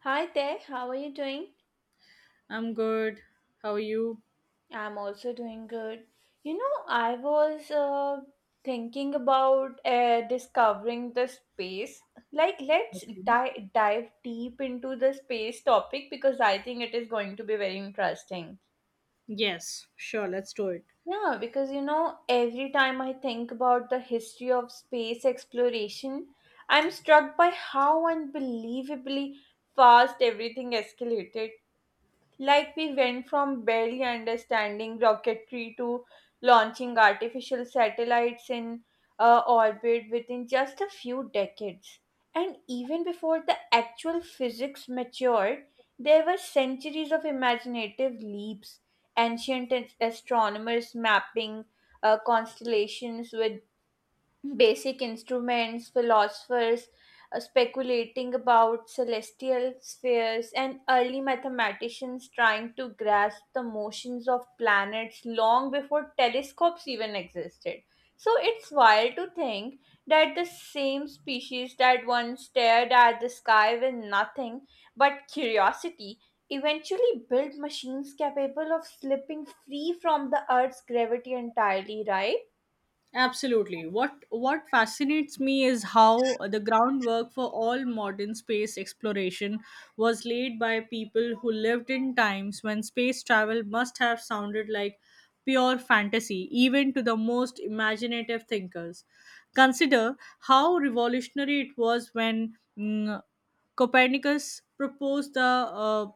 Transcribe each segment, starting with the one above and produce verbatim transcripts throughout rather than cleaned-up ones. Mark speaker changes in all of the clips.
Speaker 1: Hi there, how are you doing?
Speaker 2: I'm good. How are you?
Speaker 1: I'm also doing good. You know, I was uh, thinking about uh, discovering the space. Like, let's
Speaker 2: Okay.
Speaker 1: di- dive deep into the space topic because I think it is going to be very interesting.
Speaker 2: Yes, sure, let's do it.
Speaker 1: Yeah, because you know, every time I think about the history of space exploration, I'm struck by how unbelievably fast everything escalated. Like we went from barely understanding rocketry to launching artificial satellites in uh, orbit within just a few decades. And even before the actual physics matured, there were centuries of imaginative leaps, ancient as- astronomers mapping uh, constellations with basic instruments, philosophers uh, speculating about celestial spheres, and early mathematicians trying to grasp the motions of planets long before telescopes even existed. So it's wild to think that the same species that once stared at the sky with nothing but curiosity eventually built machines capable of slipping free from the Earth's gravity entirely, right?
Speaker 2: Absolutely. What what fascinates me is how the groundwork for all modern space exploration was laid by people who lived in times when space travel must have sounded like pure fantasy even to the most imaginative thinkers. Consider how revolutionary it was when mm, Copernicus proposed the uh,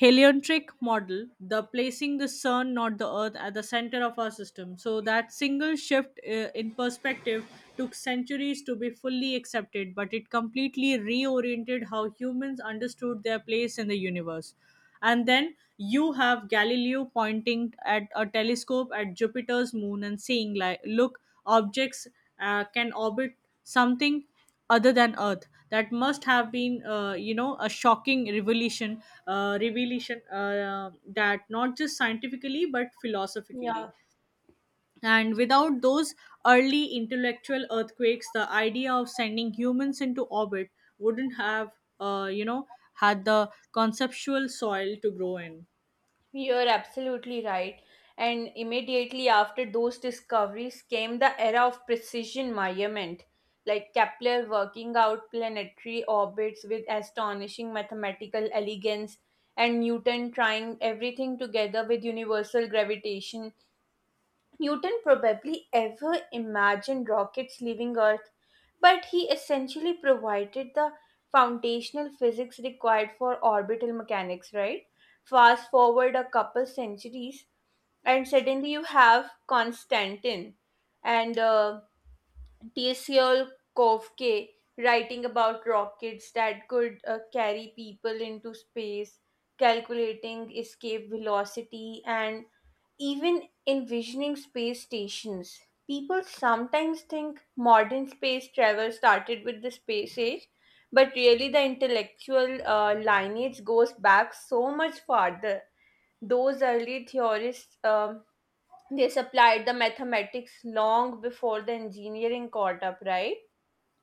Speaker 2: heliocentric model, the placing the sun, not the earth, at the center of our system. So that single shift uh, in perspective took centuries to be fully accepted, but it completely reoriented how humans understood their place in the universe. And then you have Galileo pointing at a telescope at Jupiter's moon and saying, like, look, objects uh, can orbit something other than Earth. That must have been, uh, you know, a shocking revelation, uh, revelation uh, that not just scientifically but philosophically.
Speaker 1: Yeah.
Speaker 2: And without those early intellectual earthquakes, the idea of sending humans into orbit wouldn't have, uh, you know, had the conceptual soil to grow in.
Speaker 1: You're absolutely right. And immediately after those discoveries came the era of precision measurement, like Kepler working out planetary orbits with astonishing mathematical elegance, and Newton trying everything together with universal gravitation. Newton probably ever imagined rockets leaving Earth, but he essentially provided the foundational physics required for orbital mechanics, right? Fast forward a couple centuries, and suddenly you have Konstantin and uh, Tsol writing about rockets that could uh, carry people into space, calculating escape velocity, and even envisioning space stations. People sometimes think modern space travel started with the space age, but really the intellectual uh, lineage goes back so much farther. Those early theorists, um, they supplied the mathematics long before the engineering caught up, right?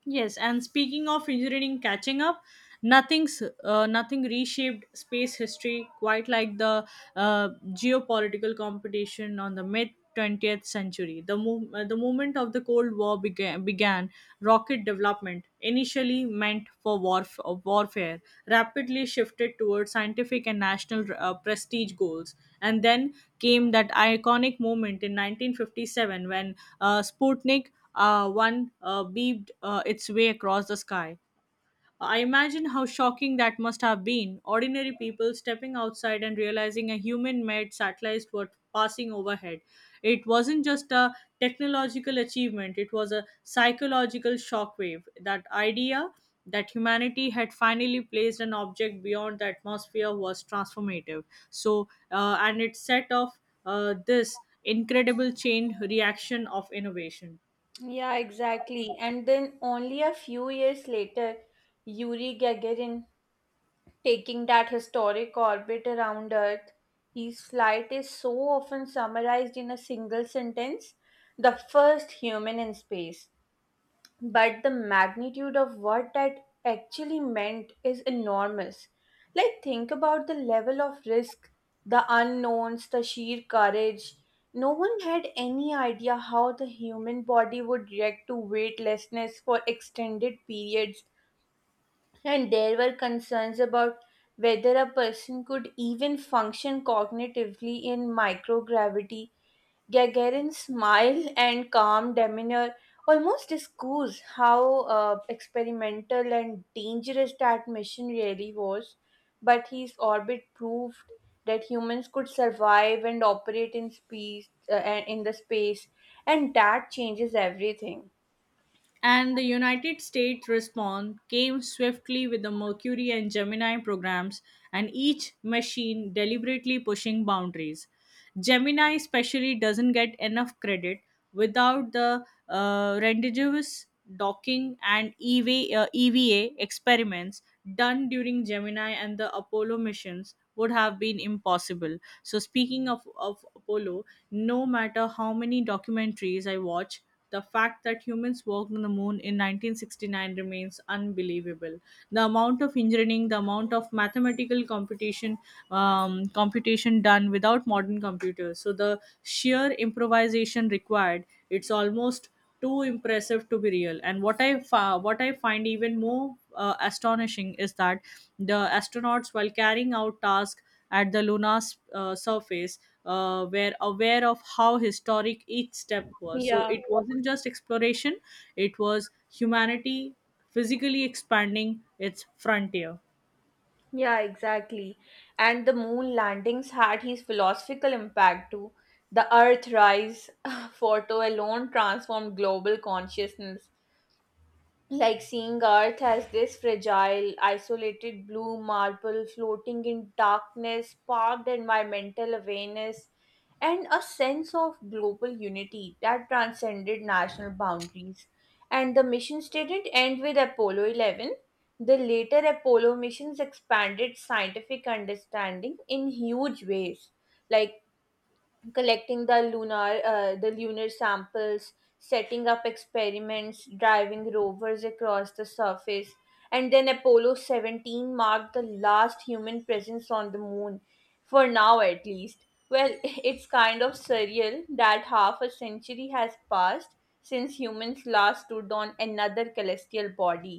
Speaker 2: Yes, and speaking of engineering catching up, nothing's uh, nothing reshaped space history quite like the uh, geopolitical competition on the mid twentieth century. The mov- uh, the movement of the Cold War began, began rocket development, initially meant for warf- uh, warfare, rapidly shifted towards scientific and national uh, prestige goals. And then came that iconic moment in nineteen fifty-seven when uh, Sputnik uh, one uh, beeped uh, its way across the sky. I imagine how shocking that must have been. Ordinary people stepping outside and realizing a human made satellite was passing overhead. It wasn't just a technological achievement, it was a psychological shockwave. That idea that humanity had finally placed an object beyond the atmosphere was transformative. So, uh, and it set off uh, this incredible chain reaction of innovation.
Speaker 1: Yeah, exactly. And then only a few years later, Yuri Gagarin taking that historic orbit around Earth. His flight is so often summarized in a single sentence: the first human in space. But the magnitude of what that actually meant is enormous. Like, think about the level of risk, the unknowns, the sheer courage. No one had any idea how the human body would react to weightlessness for extended periods, and there were concerns about whether a person could even function cognitively in microgravity. Gagarin's smile and calm demeanor almost discuss how uh, experimental and dangerous that mission really was. But his orbit proved that humans could survive and operate in space, uh, and in the space, and that changes everything.
Speaker 2: And the United States response came swiftly with the Mercury and Gemini programs, and each machine deliberately pushing boundaries. Gemini, especially, doesn't get enough credit. Without the uh, rendezvous, docking and E V A, uh, E V A experiments done during Gemini, and the Apollo missions would have been impossible. So, speaking of, of Apollo, no matter how many documentaries I watch, the fact that humans walked on the moon in nineteen sixty-nine remains unbelievable. The amount of engineering, the amount of mathematical computation, um, computation done without modern computers. So the sheer improvisation required, it's almost too impressive to be real. And what I fa- what I find even more uh, astonishing is that the astronauts, while carrying out tasks at the lunar s- uh, surface, uh, were aware of how historic each step was. So
Speaker 1: Yeah.
Speaker 2: it wasn't just exploration; it was humanity physically expanding its frontier.
Speaker 1: Yeah, exactly. And the moon landings had his philosophical impact too. The Earthrise photo alone transformed global consciousness, like seeing Earth as this fragile, isolated blue marble floating in darkness sparked environmental awareness and a sense of global unity that transcended national boundaries. And the missions didn't end with Apollo eleven. The later Apollo missions expanded scientific understanding in huge ways. Like collecting the lunar uh, the lunar samples, setting up experiments, driving rovers across the surface, and then Apollo seventeen marked the last human presence on the moon, for now at least. Well, it's kind of surreal that half a century has passed since humans last stood on another celestial body.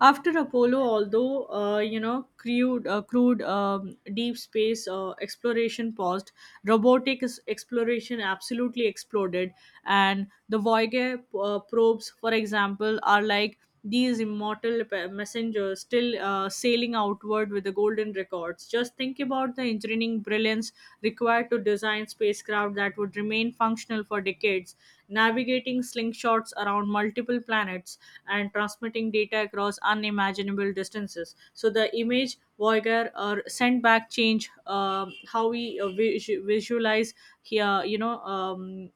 Speaker 2: After Apollo, although uh, you know crude, uh, crude um, deep space uh, exploration paused, robotic s- exploration absolutely exploded, and the Voyager uh, probes, for example, are like these immortal pe- messengers still uh, sailing outward with the golden records. Just think about about the engineering brilliance required to design spacecraft that would remain functional for decades, navigating slingshots around multiple planets and transmitting data across unimaginable distances. So the image Voyager or sent back change um how we uh, visu- visualize here, you know, um,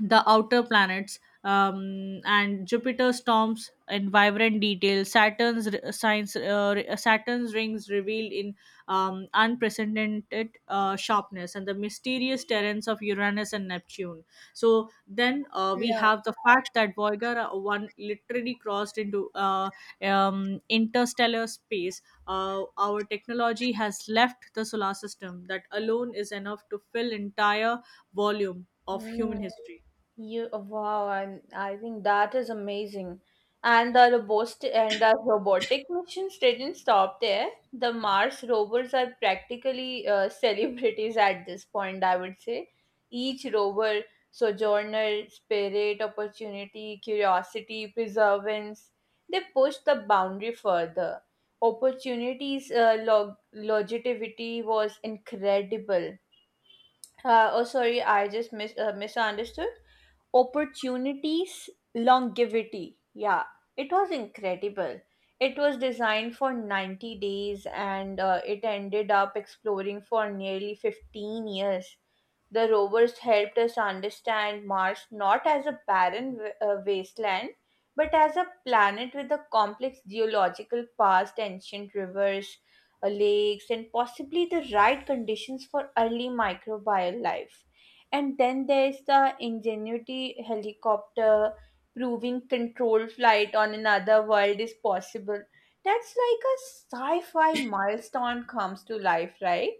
Speaker 2: the outer planets, um, and Jupiter storms in vibrant detail. Saturn's r- signs, uh, r- Saturn's rings revealed in um, unprecedented uh, sharpness, and the mysterious terrains of Uranus and Neptune. So then uh, we
Speaker 1: Yeah.
Speaker 2: have the fact that Voyager uh, one literally crossed into uh, um, interstellar space. Uh, our technology has left the solar system. That alone is enough to fill entire volume of
Speaker 1: Hmm.
Speaker 2: human history.
Speaker 1: You, wow, and I think that is amazing. And the robot and the robotic missions didn't stop there. The Mars rovers are practically, uh, celebrities at this point, I would say. Each rover, Sojourner, Spirit, Opportunity, Curiosity, Perseverance, they push the boundary further. Opportunities uh, log- longevity was incredible. Uh, oh, sorry, I just mis- uh, misunderstood. Opportunities longevity, yeah, it was incredible. It was designed for ninety days and uh, it ended up exploring for nearly fifteen years. The rovers helped us understand Mars not as a barren w- uh, wasteland, but as a planet with a complex geological past, ancient rivers, uh, lakes, and possibly the right conditions for early microbial life. And then there's the Ingenuity helicopter proving controlled flight on another world is possible. That's like a sci fi milestone comes to life, right?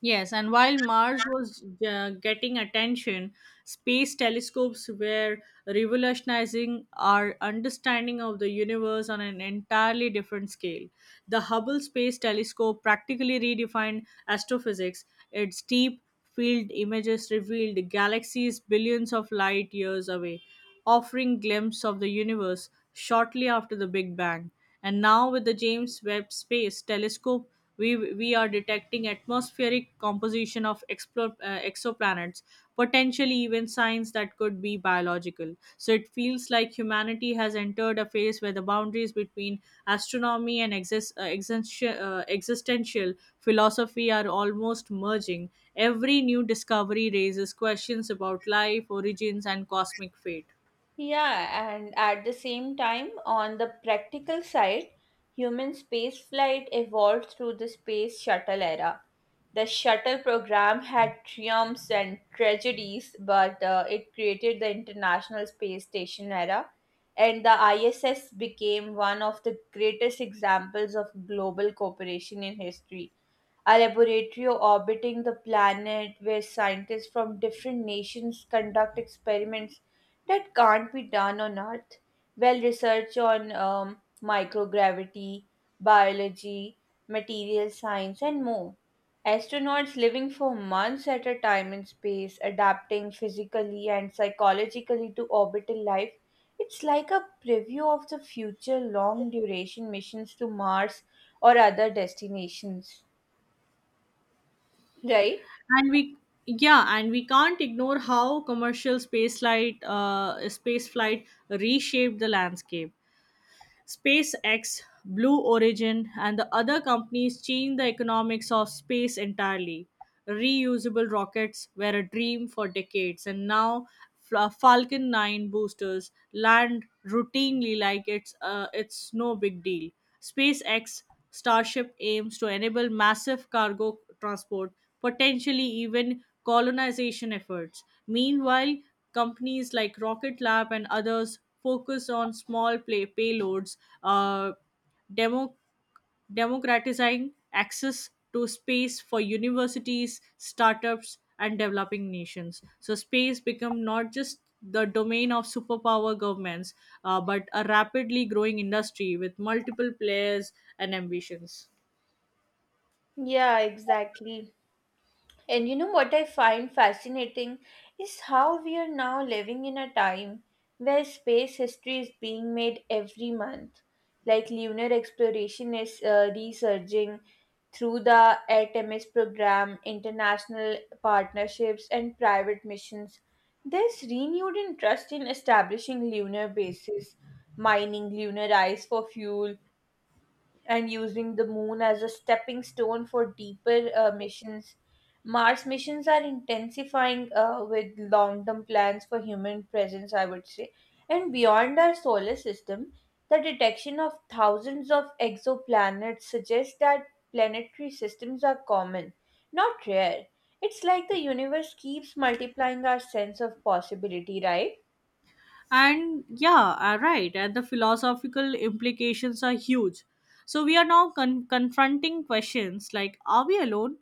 Speaker 2: Yes, and while Mars was uh, getting attention, space telescopes were revolutionizing our understanding of the universe on an entirely different scale. The Hubble Space Telescope practically redefined astrophysics. Its deep field images revealed galaxies billions of light years away, offering glimpse of the universe shortly after the Big Bang. And now with the James Webb Space Telescope, we, we are detecting atmospheric composition of explore, uh, exoplanets, potentially even signs that could be biological. So it feels like humanity has entered a phase where the boundaries between astronomy and exist, uh, existential, uh, existential philosophy are almost merging. Every new discovery raises questions about life, origins, and cosmic fate.
Speaker 1: Yeah, and at the same time, on the practical side, human spaceflight evolved through the space shuttle era. The shuttle program had triumphs and tragedies, but uh, it created the International Space Station era, and the I S S became one of the greatest examples of global cooperation in history, a laboratory orbiting the planet where scientists from different nations conduct experiments that can't be done on Earth. Well, research on, um, microgravity, biology, material science, and more. Astronauts living for months at a time in space, adapting physically and psychologically to orbital life. It's like a preview of the future long duration missions to Mars or other destinations, right?
Speaker 2: and we yeah and we can't ignore how commercial space flight uh, space flight reshaped the landscape. SpaceX, Blue Origin and the other companies changed the economics of space entirely. Reusable rockets were a dream for decades, and now Fla- Falcon nine boosters land routinely like it's uh, it's no big deal. SpaceX Starship aims to enable massive cargo transport, potentially even colonization efforts. Meanwhile, companies like Rocket Lab and others focus on small play- payloads, uh, demo democratizing access to space for universities, startups, and developing nations. So space become not just the domain of superpower governments, uh, but a rapidly growing industry with multiple players and ambitions.
Speaker 1: Yeah, exactly. And you know what I find fascinating is how we are now living in a time where space history is being made every month. Like lunar exploration is uh, resurging through the Artemis program, international partnerships, and private missions. There's renewed interest in establishing lunar bases, mining lunar ice for fuel, and using the moon as a stepping stone for deeper uh, missions. Mars missions are intensifying uh, with long term plans for human presence, I would say. And beyond our solar system, the detection of thousands of exoplanets suggests that planetary systems are common, not rare. It's like the universe keeps multiplying our sense of possibility, right?
Speaker 2: And yeah, uh, right. And the philosophical implications are huge. So we are now con- confronting questions like, are we alone?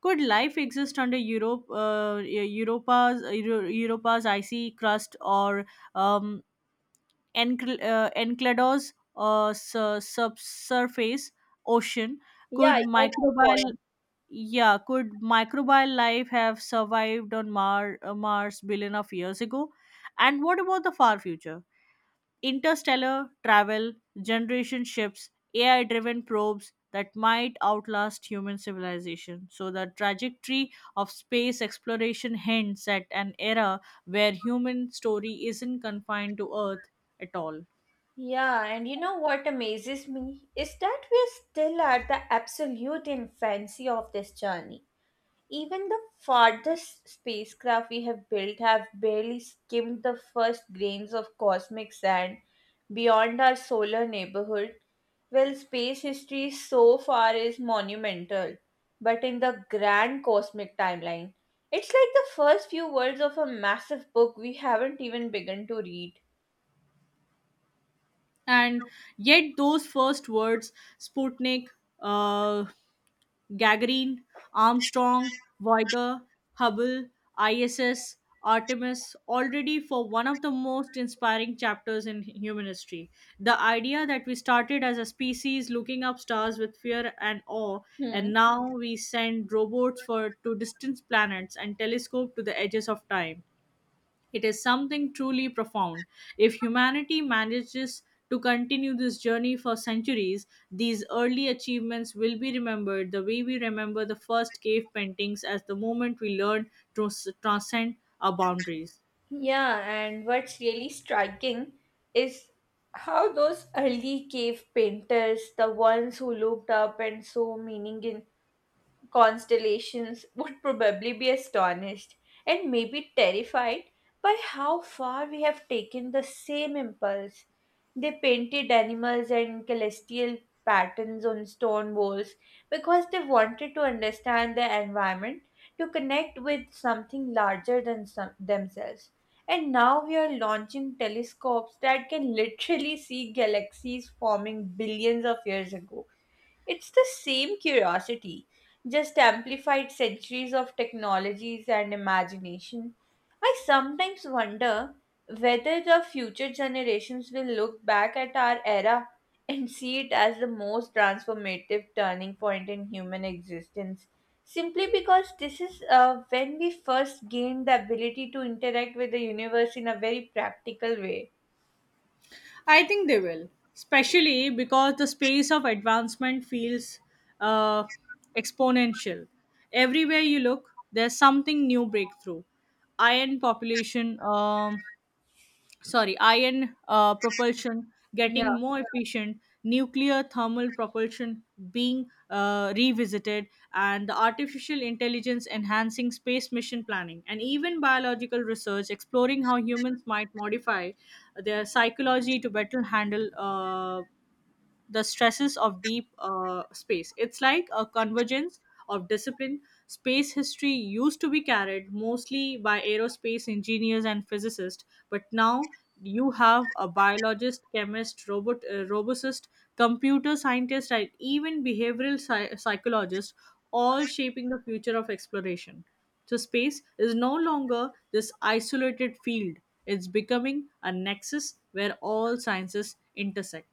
Speaker 2: Could life exist under Europe, uh, Eu- Europa's, Euro- Europa's icy crust or um, encl uh, Enceladus uh, su- subsurface ocean?
Speaker 1: Yeah,
Speaker 2: Could
Speaker 1: I get your
Speaker 2: microbial
Speaker 1: point.
Speaker 2: yeah could microbial life have survived on Mar- uh, Mars billion of years ago? And what about the far future? Interstellar travel, generation ships, A I driven probes that might outlast human civilization. So, the trajectory of space exploration hints at an era where human story isn't confined to Earth at all.
Speaker 1: Yeah, and you know what amazes me is that we're still at the absolute infancy of this journey. Even the farthest spacecraft we have built have barely skimmed the first grains of cosmic sand beyond our solar neighborhood. Well, space history so far is monumental, but in the grand cosmic timeline, it's like the first few words of a massive book we haven't even begun to read.
Speaker 2: And yet, those first words, Sputnik, uh, Gagarin, Armstrong, Voyager, Hubble, I S S, Artemis, already for one of the most inspiring chapters in human history. The idea that we started as a species looking up stars with fear and awe, and now we send robots for to distant planets and telescope to the edges of time. It is something truly profound. If humanity manages to continue this journey for centuries, these early achievements will be remembered the way we remember the first cave paintings, as the moment we learn to s- transcend our boundaries.
Speaker 1: Yeah, and what's really striking is how those early cave painters, the ones who looked up and saw meaning in constellations, would probably be astonished and maybe terrified by how far we have taken the same impulse. They painted animals and celestial patterns on stone walls because they wanted to understand their environment, to connect with something larger than some- themselves. And now we are launching telescopes that can literally see galaxies forming billions of years ago. It's the same curiosity, just amplified centuries of technologies and imagination. I sometimes wonder whether the future generations will look back at our era and see it as the most transformative turning point in human existence, simply because this is uh, when we first gained the ability to interact with the universe in a very practical way.
Speaker 2: I think they will, especially because the space of advancement feels uh, exponential. Everywhere you look, there's something new breakthrough. Iron population, um, sorry ion uh, propulsion
Speaker 1: Yeah.
Speaker 2: getting more efficient, nuclear thermal propulsion being uh, revisited, and the artificial intelligence enhancing space mission planning, and even biological research exploring how humans might modify their psychology to better handle uh, the stresses of deep uh, space. It's like a convergence of discipline. Space history used to be carried mostly by aerospace engineers and physicists, but now you have a biologist, chemist, robot, uh, robotist, computer scientist, and even behavioral psy- psychologist all shaping the future of exploration. So, space is no longer this isolated field, it's becoming a nexus where all sciences intersect.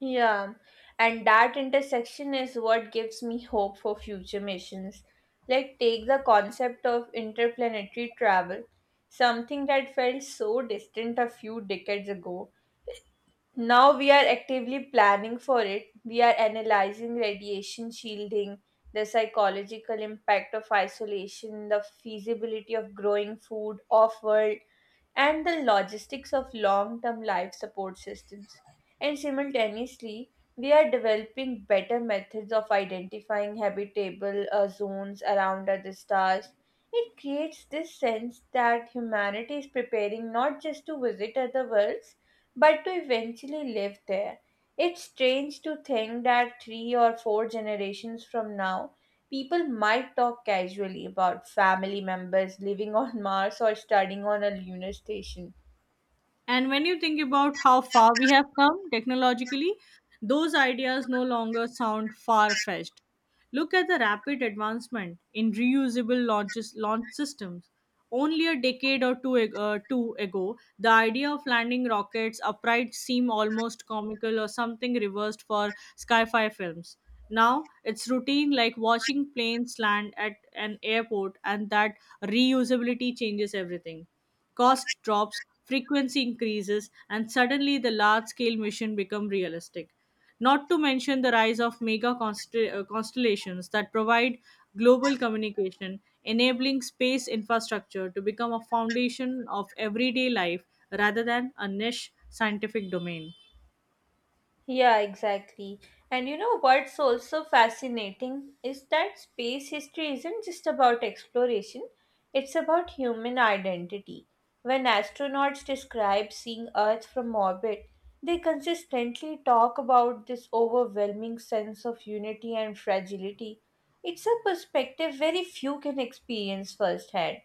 Speaker 1: Yeah, and that intersection is what gives me hope for future missions. Like, take the concept of interplanetary travel, something that felt so distant a few decades ago. Now we are actively planning for it. We are analyzing radiation shielding, the psychological impact of isolation, the feasibility of growing food off world, and the logistics of long term life support systems. And simultaneously, we are developing better methods of identifying habitable uh, zones around other stars. It creates this sense that humanity is preparing not just to visit other worlds but to eventually live there. It's strange to think that three or four generations from now, people might talk casually about family members living on Mars or studying on a lunar station.
Speaker 2: And when you think about how far we have come technologically, those ideas no longer sound far fetched. Look at the rapid advancement in reusable launches, launch systems. Only a decade or two, ag- uh, two ago, the idea of landing rockets upright seemed almost comical, or something reversed for sci fi films. Now it's routine, like watching planes land at an airport, and that reusability changes everything. Cost drops, frequency increases, and suddenly the large scale mission become realistic. Not to mention the rise of mega constell- uh, constellations that provide global communication, enabling space infrastructure to become a foundation of everyday life rather than a niche scientific domain.
Speaker 1: Yeah, exactly. And you know what's also fascinating is that space history isn't just about exploration, it's about human identity. When astronauts describe seeing Earth from orbit, they consistently talk about this overwhelming sense of unity and fragility. It's a perspective very few can experience firsthand,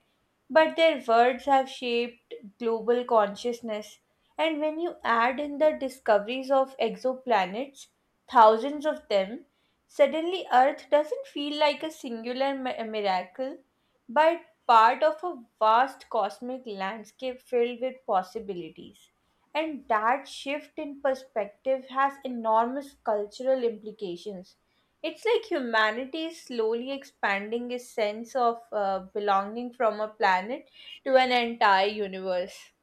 Speaker 1: but their words have shaped global consciousness. And when you add in the discoveries of exoplanets, thousands of them, suddenly Earth doesn't feel like a singular mi- miracle, but part of a vast cosmic landscape filled with possibilities. And that shift in perspective has enormous cultural implications. It's like humanity is slowly expanding its sense of uh, belonging from a planet to an entire universe.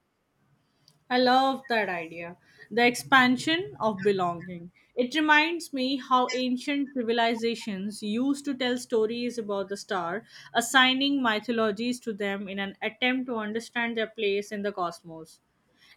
Speaker 2: I love that idea. The expansion of belonging. It reminds me how ancient civilizations used to tell stories about the star, assigning mythologies to them in an attempt to understand their place in the cosmos.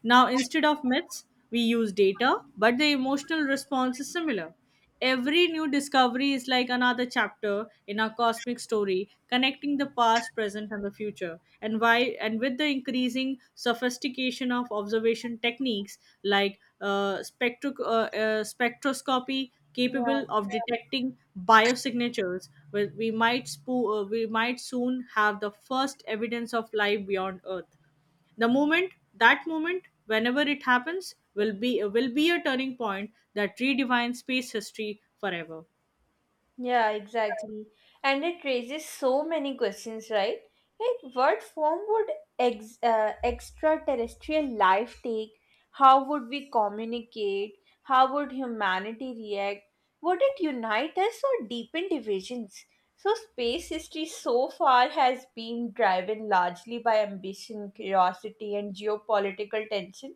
Speaker 2: Now, instead of myths, we use data, but the emotional response is similar. Every new discovery is like another chapter in our cosmic story, connecting the past, present, and the future. And why? And with the increasing sophistication of observation techniques like uh, spectro- uh, uh, spectroscopy,
Speaker 1: Yeah.
Speaker 2: capable of detecting biosignatures, where we might spo- uh, we might soon have the first evidence of life beyond Earth. The moment, that moment, whenever it happens, will be will be a turning point that redefines space history forever.
Speaker 1: Yeah, exactly. And it raises so many questions, right? Like, what form would ex uh, extraterrestrial life take? How would we communicate? How would humanity react? Would it unite us or deepen divisions? So, space history so far has been driven largely by ambition, curiosity, and geopolitical tension.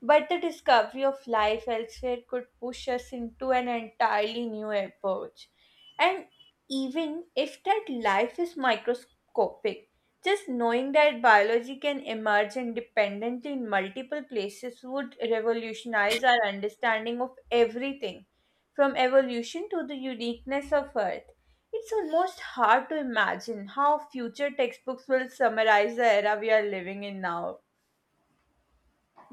Speaker 1: But the discovery of life elsewhere could push us into an entirely new approach. And even if that life is microscopic, just knowing that biology can emerge independently in multiple places would revolutionize our understanding of everything, from evolution to the uniqueness of Earth. It's almost hard to imagine how future textbooks will summarize the era we are living in now.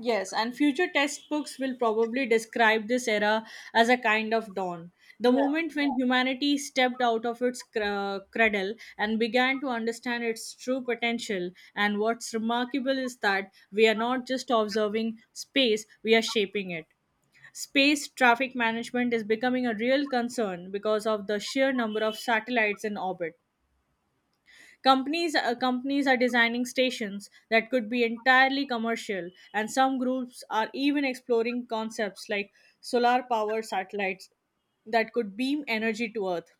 Speaker 2: Yes, and future textbooks will probably describe this era as a kind of dawn. The moment when humanity stepped out of its cr- uh, cradle and began to understand its true potential. And what's remarkable is that we are not just observing space, we are shaping it. Space traffic management is becoming a real concern because of the sheer number of satellites in orbit. Companies, uh, companies are designing stations that could be entirely commercial, and some groups are even exploring concepts like solar powered satellites that could beam energy to Earth.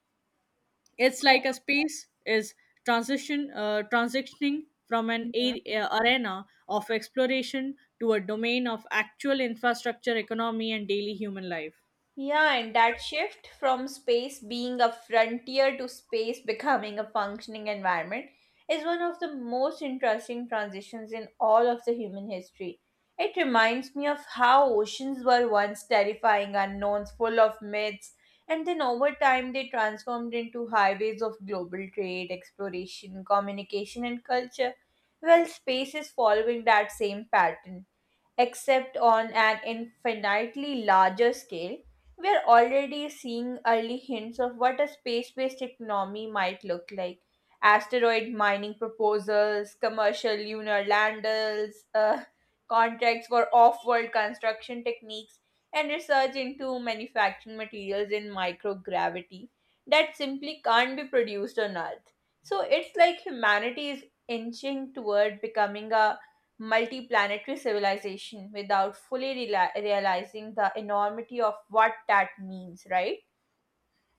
Speaker 2: It's like a space is transition uh, transitioning from an
Speaker 1: Yeah.
Speaker 2: a- uh, arena of exploration to a domain of actual infrastructure, economy, and daily human life.
Speaker 1: Yeah, and that shift from space being a frontier to space becoming a functioning environment is one of the most interesting transitions in all of the human history. It reminds me of how oceans were once terrifying unknowns full of myths, and then over time they transformed into highways of global trade, exploration, communication, and culture. Well, space is following that same pattern except on an infinitely larger scale, we're already seeing early hints of what a space based economy might look like. Asteroid mining proposals, commercial lunar landers, uh, contracts for off world construction techniques, and research into manufacturing materials in microgravity that simply can't be produced on Earth. So it's like humanity is inching toward becoming a multi-planetary civilization without fully reali realizing the enormity of what that means, right?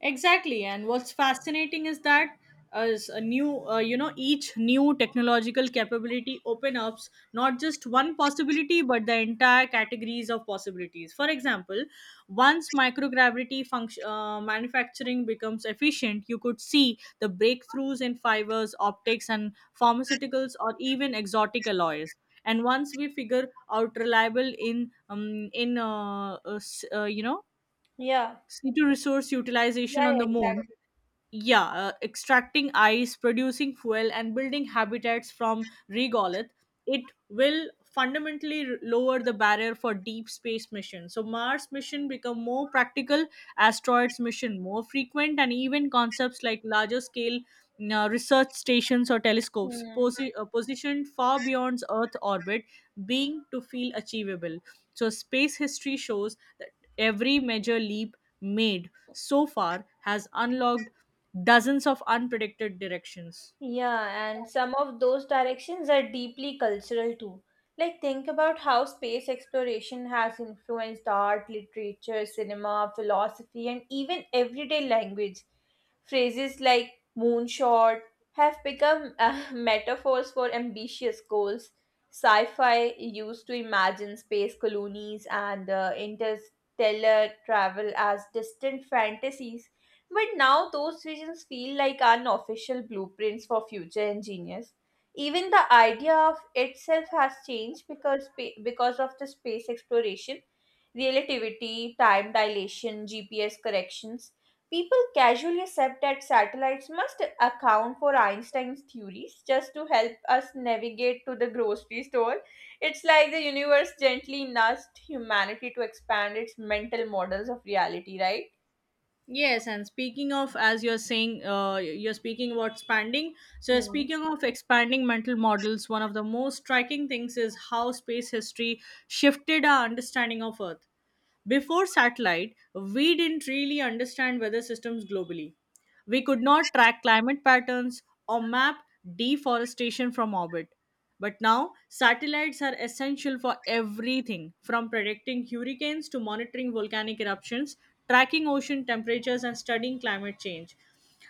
Speaker 2: Exactly, and what's fascinating is that as a new, uh, you know, each new technological capability open up not just one possibility but the entire categories of possibilities. For example, once microgravity function uh, manufacturing becomes efficient, you could see the breakthroughs in fibers, optics, and pharmaceuticals, or even exotic alloys. And once we figure out reliable in um, in uh, uh, s- uh, you know
Speaker 1: Yeah.
Speaker 2: C two resource utilization
Speaker 1: Yeah, yeah,
Speaker 2: on the moon,
Speaker 1: exactly.
Speaker 2: yeah, uh, extracting ice producing fuel and building habitats from regolith, it will fundamentally r- lower the barrier for deep space missions. So Mars mission become more practical, asteroids mission more frequent, and even concepts like larger scale uh, research stations or telescopes
Speaker 1: Hmm.
Speaker 2: posi- uh, positioned far beyond Earth orbit being to feel achievable. So, space history shows that every major leap made so far has unlocked dozens of unpredicted directions.
Speaker 1: Yeah, and some of those directions are deeply cultural too. Like, think about how space exploration has influenced art, literature, cinema, philosophy, and even everyday language. Phrases like moonshot have become uh, metaphors for ambitious goals. Sci fi used to imagine space colonies and uh, interstellar travel as distant fantasies, but now those visions feel like unofficial blueprints for future engineers. Even the idea of itself has changed because spa- because of the space exploration, relativity, time dilation, G P S corrections. People casually accept that satellites must account for Einstein's theories just to help us navigate to the grocery store. It's like the universe gently nudged humanity to expand its mental models of reality, right?
Speaker 2: Yes, and speaking of, as you're saying, uh, you're speaking about expanding. So,
Speaker 1: Hmm.
Speaker 2: speaking of expanding mental models, one of the most striking things is how space history shifted our understanding of Earth. Before satellite, we didn't really understand weather systems globally. We could not track climate patterns or map deforestation from orbit. But now, satellites are essential for everything from predicting hurricanes to monitoring volcanic eruptions, tracking ocean temperatures, and studying climate change.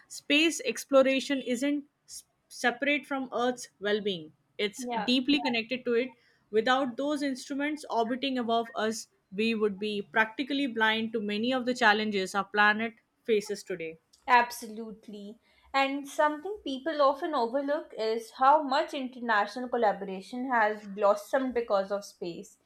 Speaker 2: Space exploration isn't s- separate from Earth's well being, it's
Speaker 1: Yeah.
Speaker 2: deeply connected to it. Without those instruments orbiting above us, we would be practically blind to many of the challenges our planet faces today.
Speaker 1: Absolutely. And something people often overlook is how much international collaboration has blossomed because of space.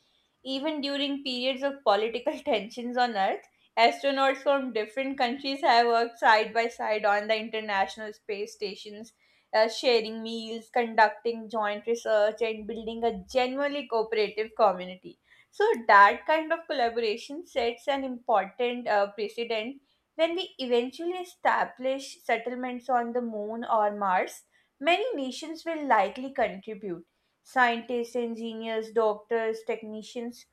Speaker 1: Even during periods of political tensions on Earth, astronauts from different countries have worked side by side on the International Space Stations, uh, sharing meals, conducting joint research, and building a genuinely cooperative community. So, that kind of collaboration sets an important uh, precedent when we eventually establish settlements on the moon or Mars, many nations will likely contribute. Scientists, engineers, doctors, technicians,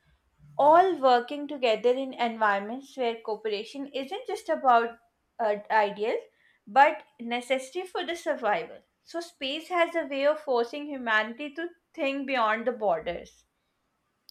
Speaker 1: all working together in environments where cooperation isn't just about uh, ideas but necessary for the survival. So, space has a way of forcing humanity to think beyond the borders.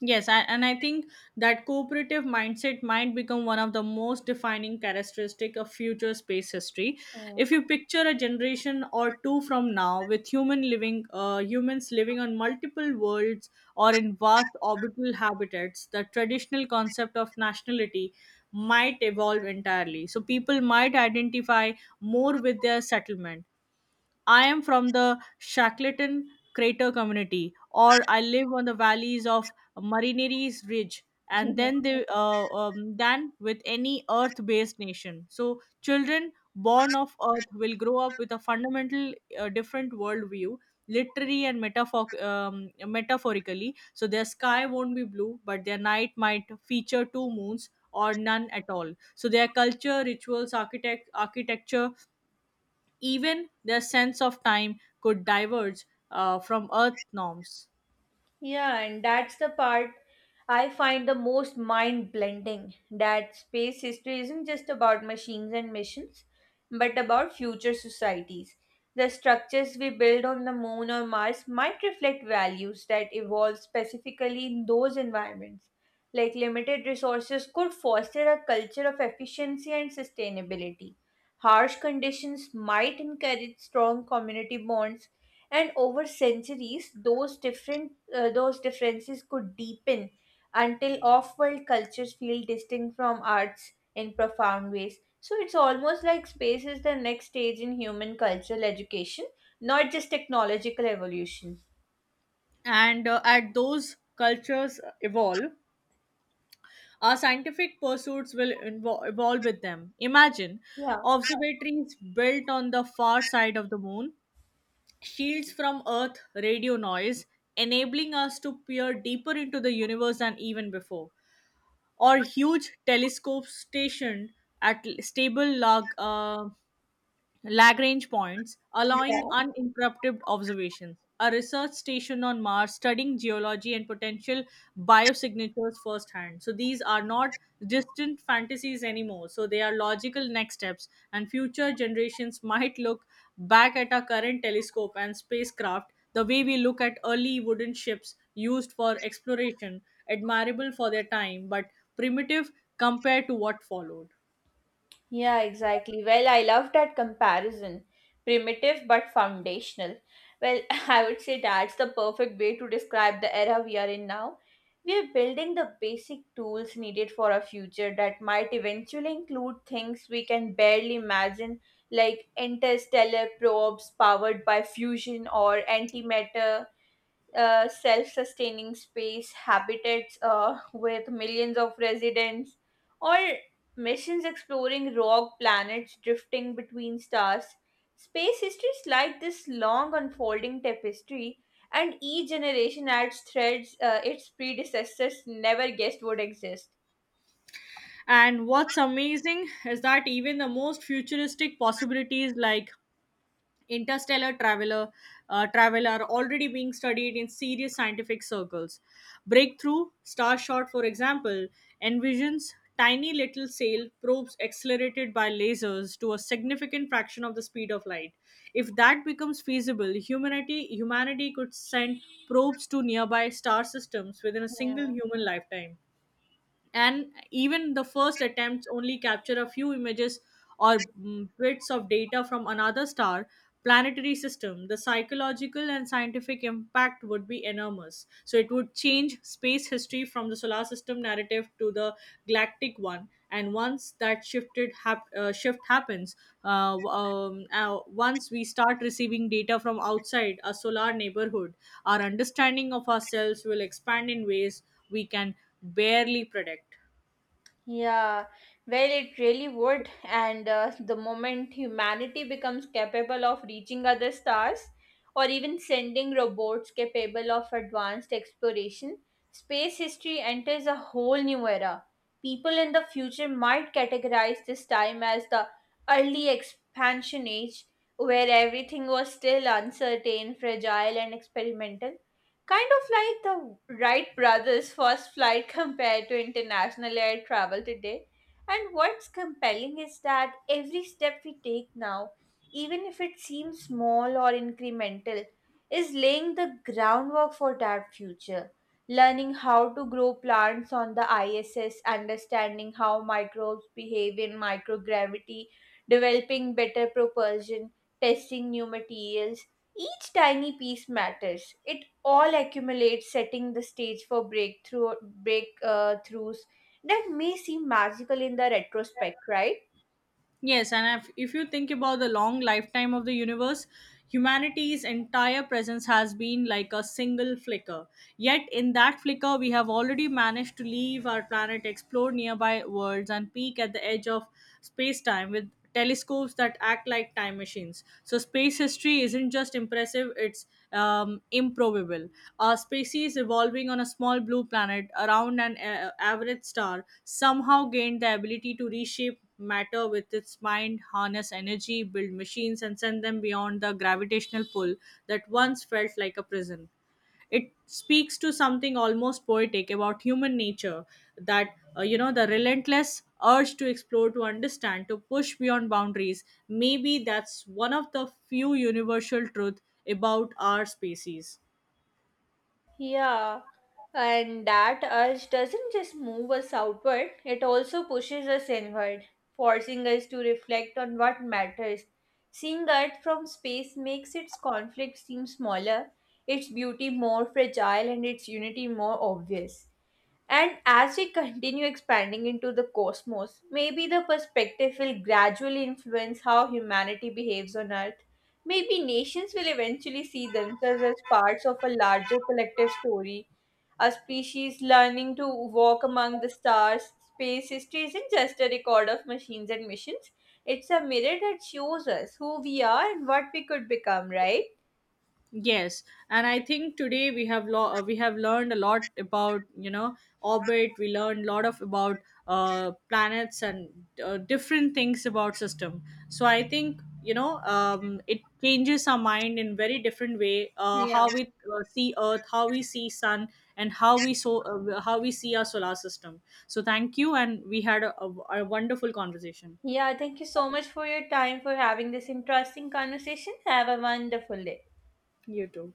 Speaker 2: Yes, I, and I think that cooperative mindset might become one of the most defining characteristic of future space history.
Speaker 1: Mm.
Speaker 2: If you picture a generation or two from now with human living, uh, humans living on multiple worlds or in vast orbital habitats, the traditional concept of nationality might evolve entirely. So people might identify more with their settlement. I am from the Shackleton Crater community, or I live on the valleys of Marineris Ridge, and then they uh, um, than with any Earth-based nation. So children born of Earth will grow up with a fundamental uh, different worldview, literally and metaphor- um, metaphorically. So their sky won't be blue, but their night might feature two moons or none at all. So their culture, rituals, architect architecture, even their sense of time could diverge uh, from Earth norms.
Speaker 1: Yeah, and that's the part I find the most mind blending that space history isn't just about machines and missions, but about future societies. The structures we build on the moon or Mars might reflect values that evolve specifically in those environments. Like limited resources could foster a culture of efficiency and sustainability. Harsh conditions might encourage strong community bonds, and over centuries those different uh, those differences could deepen until off world cultures feel distinct from arts in profound ways. So it's almost like space is the next stage in human cultural education, not just technological evolution.
Speaker 2: And uh, as those cultures evolve, our scientific pursuits will invo- evolve with them. Imagine
Speaker 1: Yeah.
Speaker 2: observatories built on the far side of the moon, shields from Earth radio noise, enabling us to peer deeper into the universe than even before, or huge telescopes stationed at l- stable lag, uh, Lagrange points,
Speaker 1: Yeah.
Speaker 2: allowing uninterrupted observations. A research station on Mars studying geology and potential biosignatures firsthand. So these are not distant fantasies anymore. So they are logical next steps, and future generations might look back at our current telescope and spacecraft the way we look at early wooden ships used for exploration, admirable for their time, but primitive compared to what followed.
Speaker 1: Yeah, exactly. Well, I love that comparison. Primitive but foundational. Well, I would say that's the perfect way to describe the era we are in now. We are building the basic tools needed for a future that might eventually include things we can barely imagine, like interstellar probes powered by fusion or antimatter, uh, self-sustaining space habitats uh, with millions of residents, or missions exploring rogue planets drifting between stars. Space history is like this long unfolding tapestry, and each generation adds threads uh, its predecessors never guessed would exist.
Speaker 2: And what's amazing is that even the most futuristic possibilities like interstellar traveler uh, travel are already being studied in serious scientific circles. Breakthrough Starshot, for example, envisions tiny little sail probes accelerated by lasers to a significant fraction of the speed of light. If that becomes feasible, humanity humanity could send probes to nearby star systems within a single human lifetime. And even the first attempts only capture a few images or mm, bits of data from another star planetary system, the psychological and scientific impact would be enormous. So it would change space history from the solar system narrative to the galactic one. And once that shifted hap- uh, shift happens, uh, w- um, uh, once we start receiving data from outside our solar neighborhood, our understanding of ourselves will expand in ways we can barely predict.
Speaker 1: Yeah, well, it really would. And uh, the moment humanity becomes capable of reaching other stars or even sending robots capable of advanced exploration, space history enters a whole new era. People in the future might categorize this time as the early expansion age, where everything was still uncertain, fragile, and experimental. Kind of like the Wright brothers' first flight compared to international air travel today. And what's compelling is that every step we take now, even if it seems small or incremental, is laying the groundwork for that future. Learning how to grow plants on the I S S, understanding how microbes behave in microgravity, developing better propulsion, testing new materials, each tiny piece matters. It all accumulate, setting the stage for breakthrough breakthroughs that may seem magical in the retrospect, right?
Speaker 2: Yes, and if, if you think about the long lifetime of the universe, humanity's entire presence has been like a single flicker. Yet, in that flicker, we have already managed to leave our planet, explore nearby worlds, and peek at the edge of space time with telescopes that act like time machines. So, space history isn't just impressive, it's um, improbable. A species evolving on a small blue planet around an uh, average star somehow gained the ability to reshape matter with its mind, harness energy, build machines, and send them beyond the gravitational pull that once felt like a prison. It speaks to something almost poetic about human nature that, uh, you know, the relentless urge to explore, to understand, to push beyond boundaries. Maybe that's one of the few universal truth about our species.
Speaker 1: Yeah, and that urge doesn't just move us outward, it also pushes us inward, forcing us to reflect on what matters. Seeing Earth from space makes its conflict seem smaller, its beauty more fragile, and its unity more obvious. And as we continue expanding into the cosmos, maybe the perspective will gradually influence how humanity behaves on Earth. Maybe nations will eventually see themselves as parts of a larger collective story. A species learning to walk among the stars, space history isn't just a record of machines and missions, it's a mirror that shows us who we are and what we could become, right?
Speaker 2: Yes, and I think today we have lo- uh, we have learned a lot about, you know, orbit. We learned a lot of about uh, planets and uh, different things about system. So I think, you know, um, it changes our mind in very different way. Uh,
Speaker 1: Yeah.
Speaker 2: how we uh, see Earth, how we see Sun, and how we so uh, how we see our solar system. So thank you, and we had a, a a wonderful conversation.
Speaker 1: Yeah, thank you so much for your time for having this interesting conversation. Have a wonderful day.
Speaker 2: You too.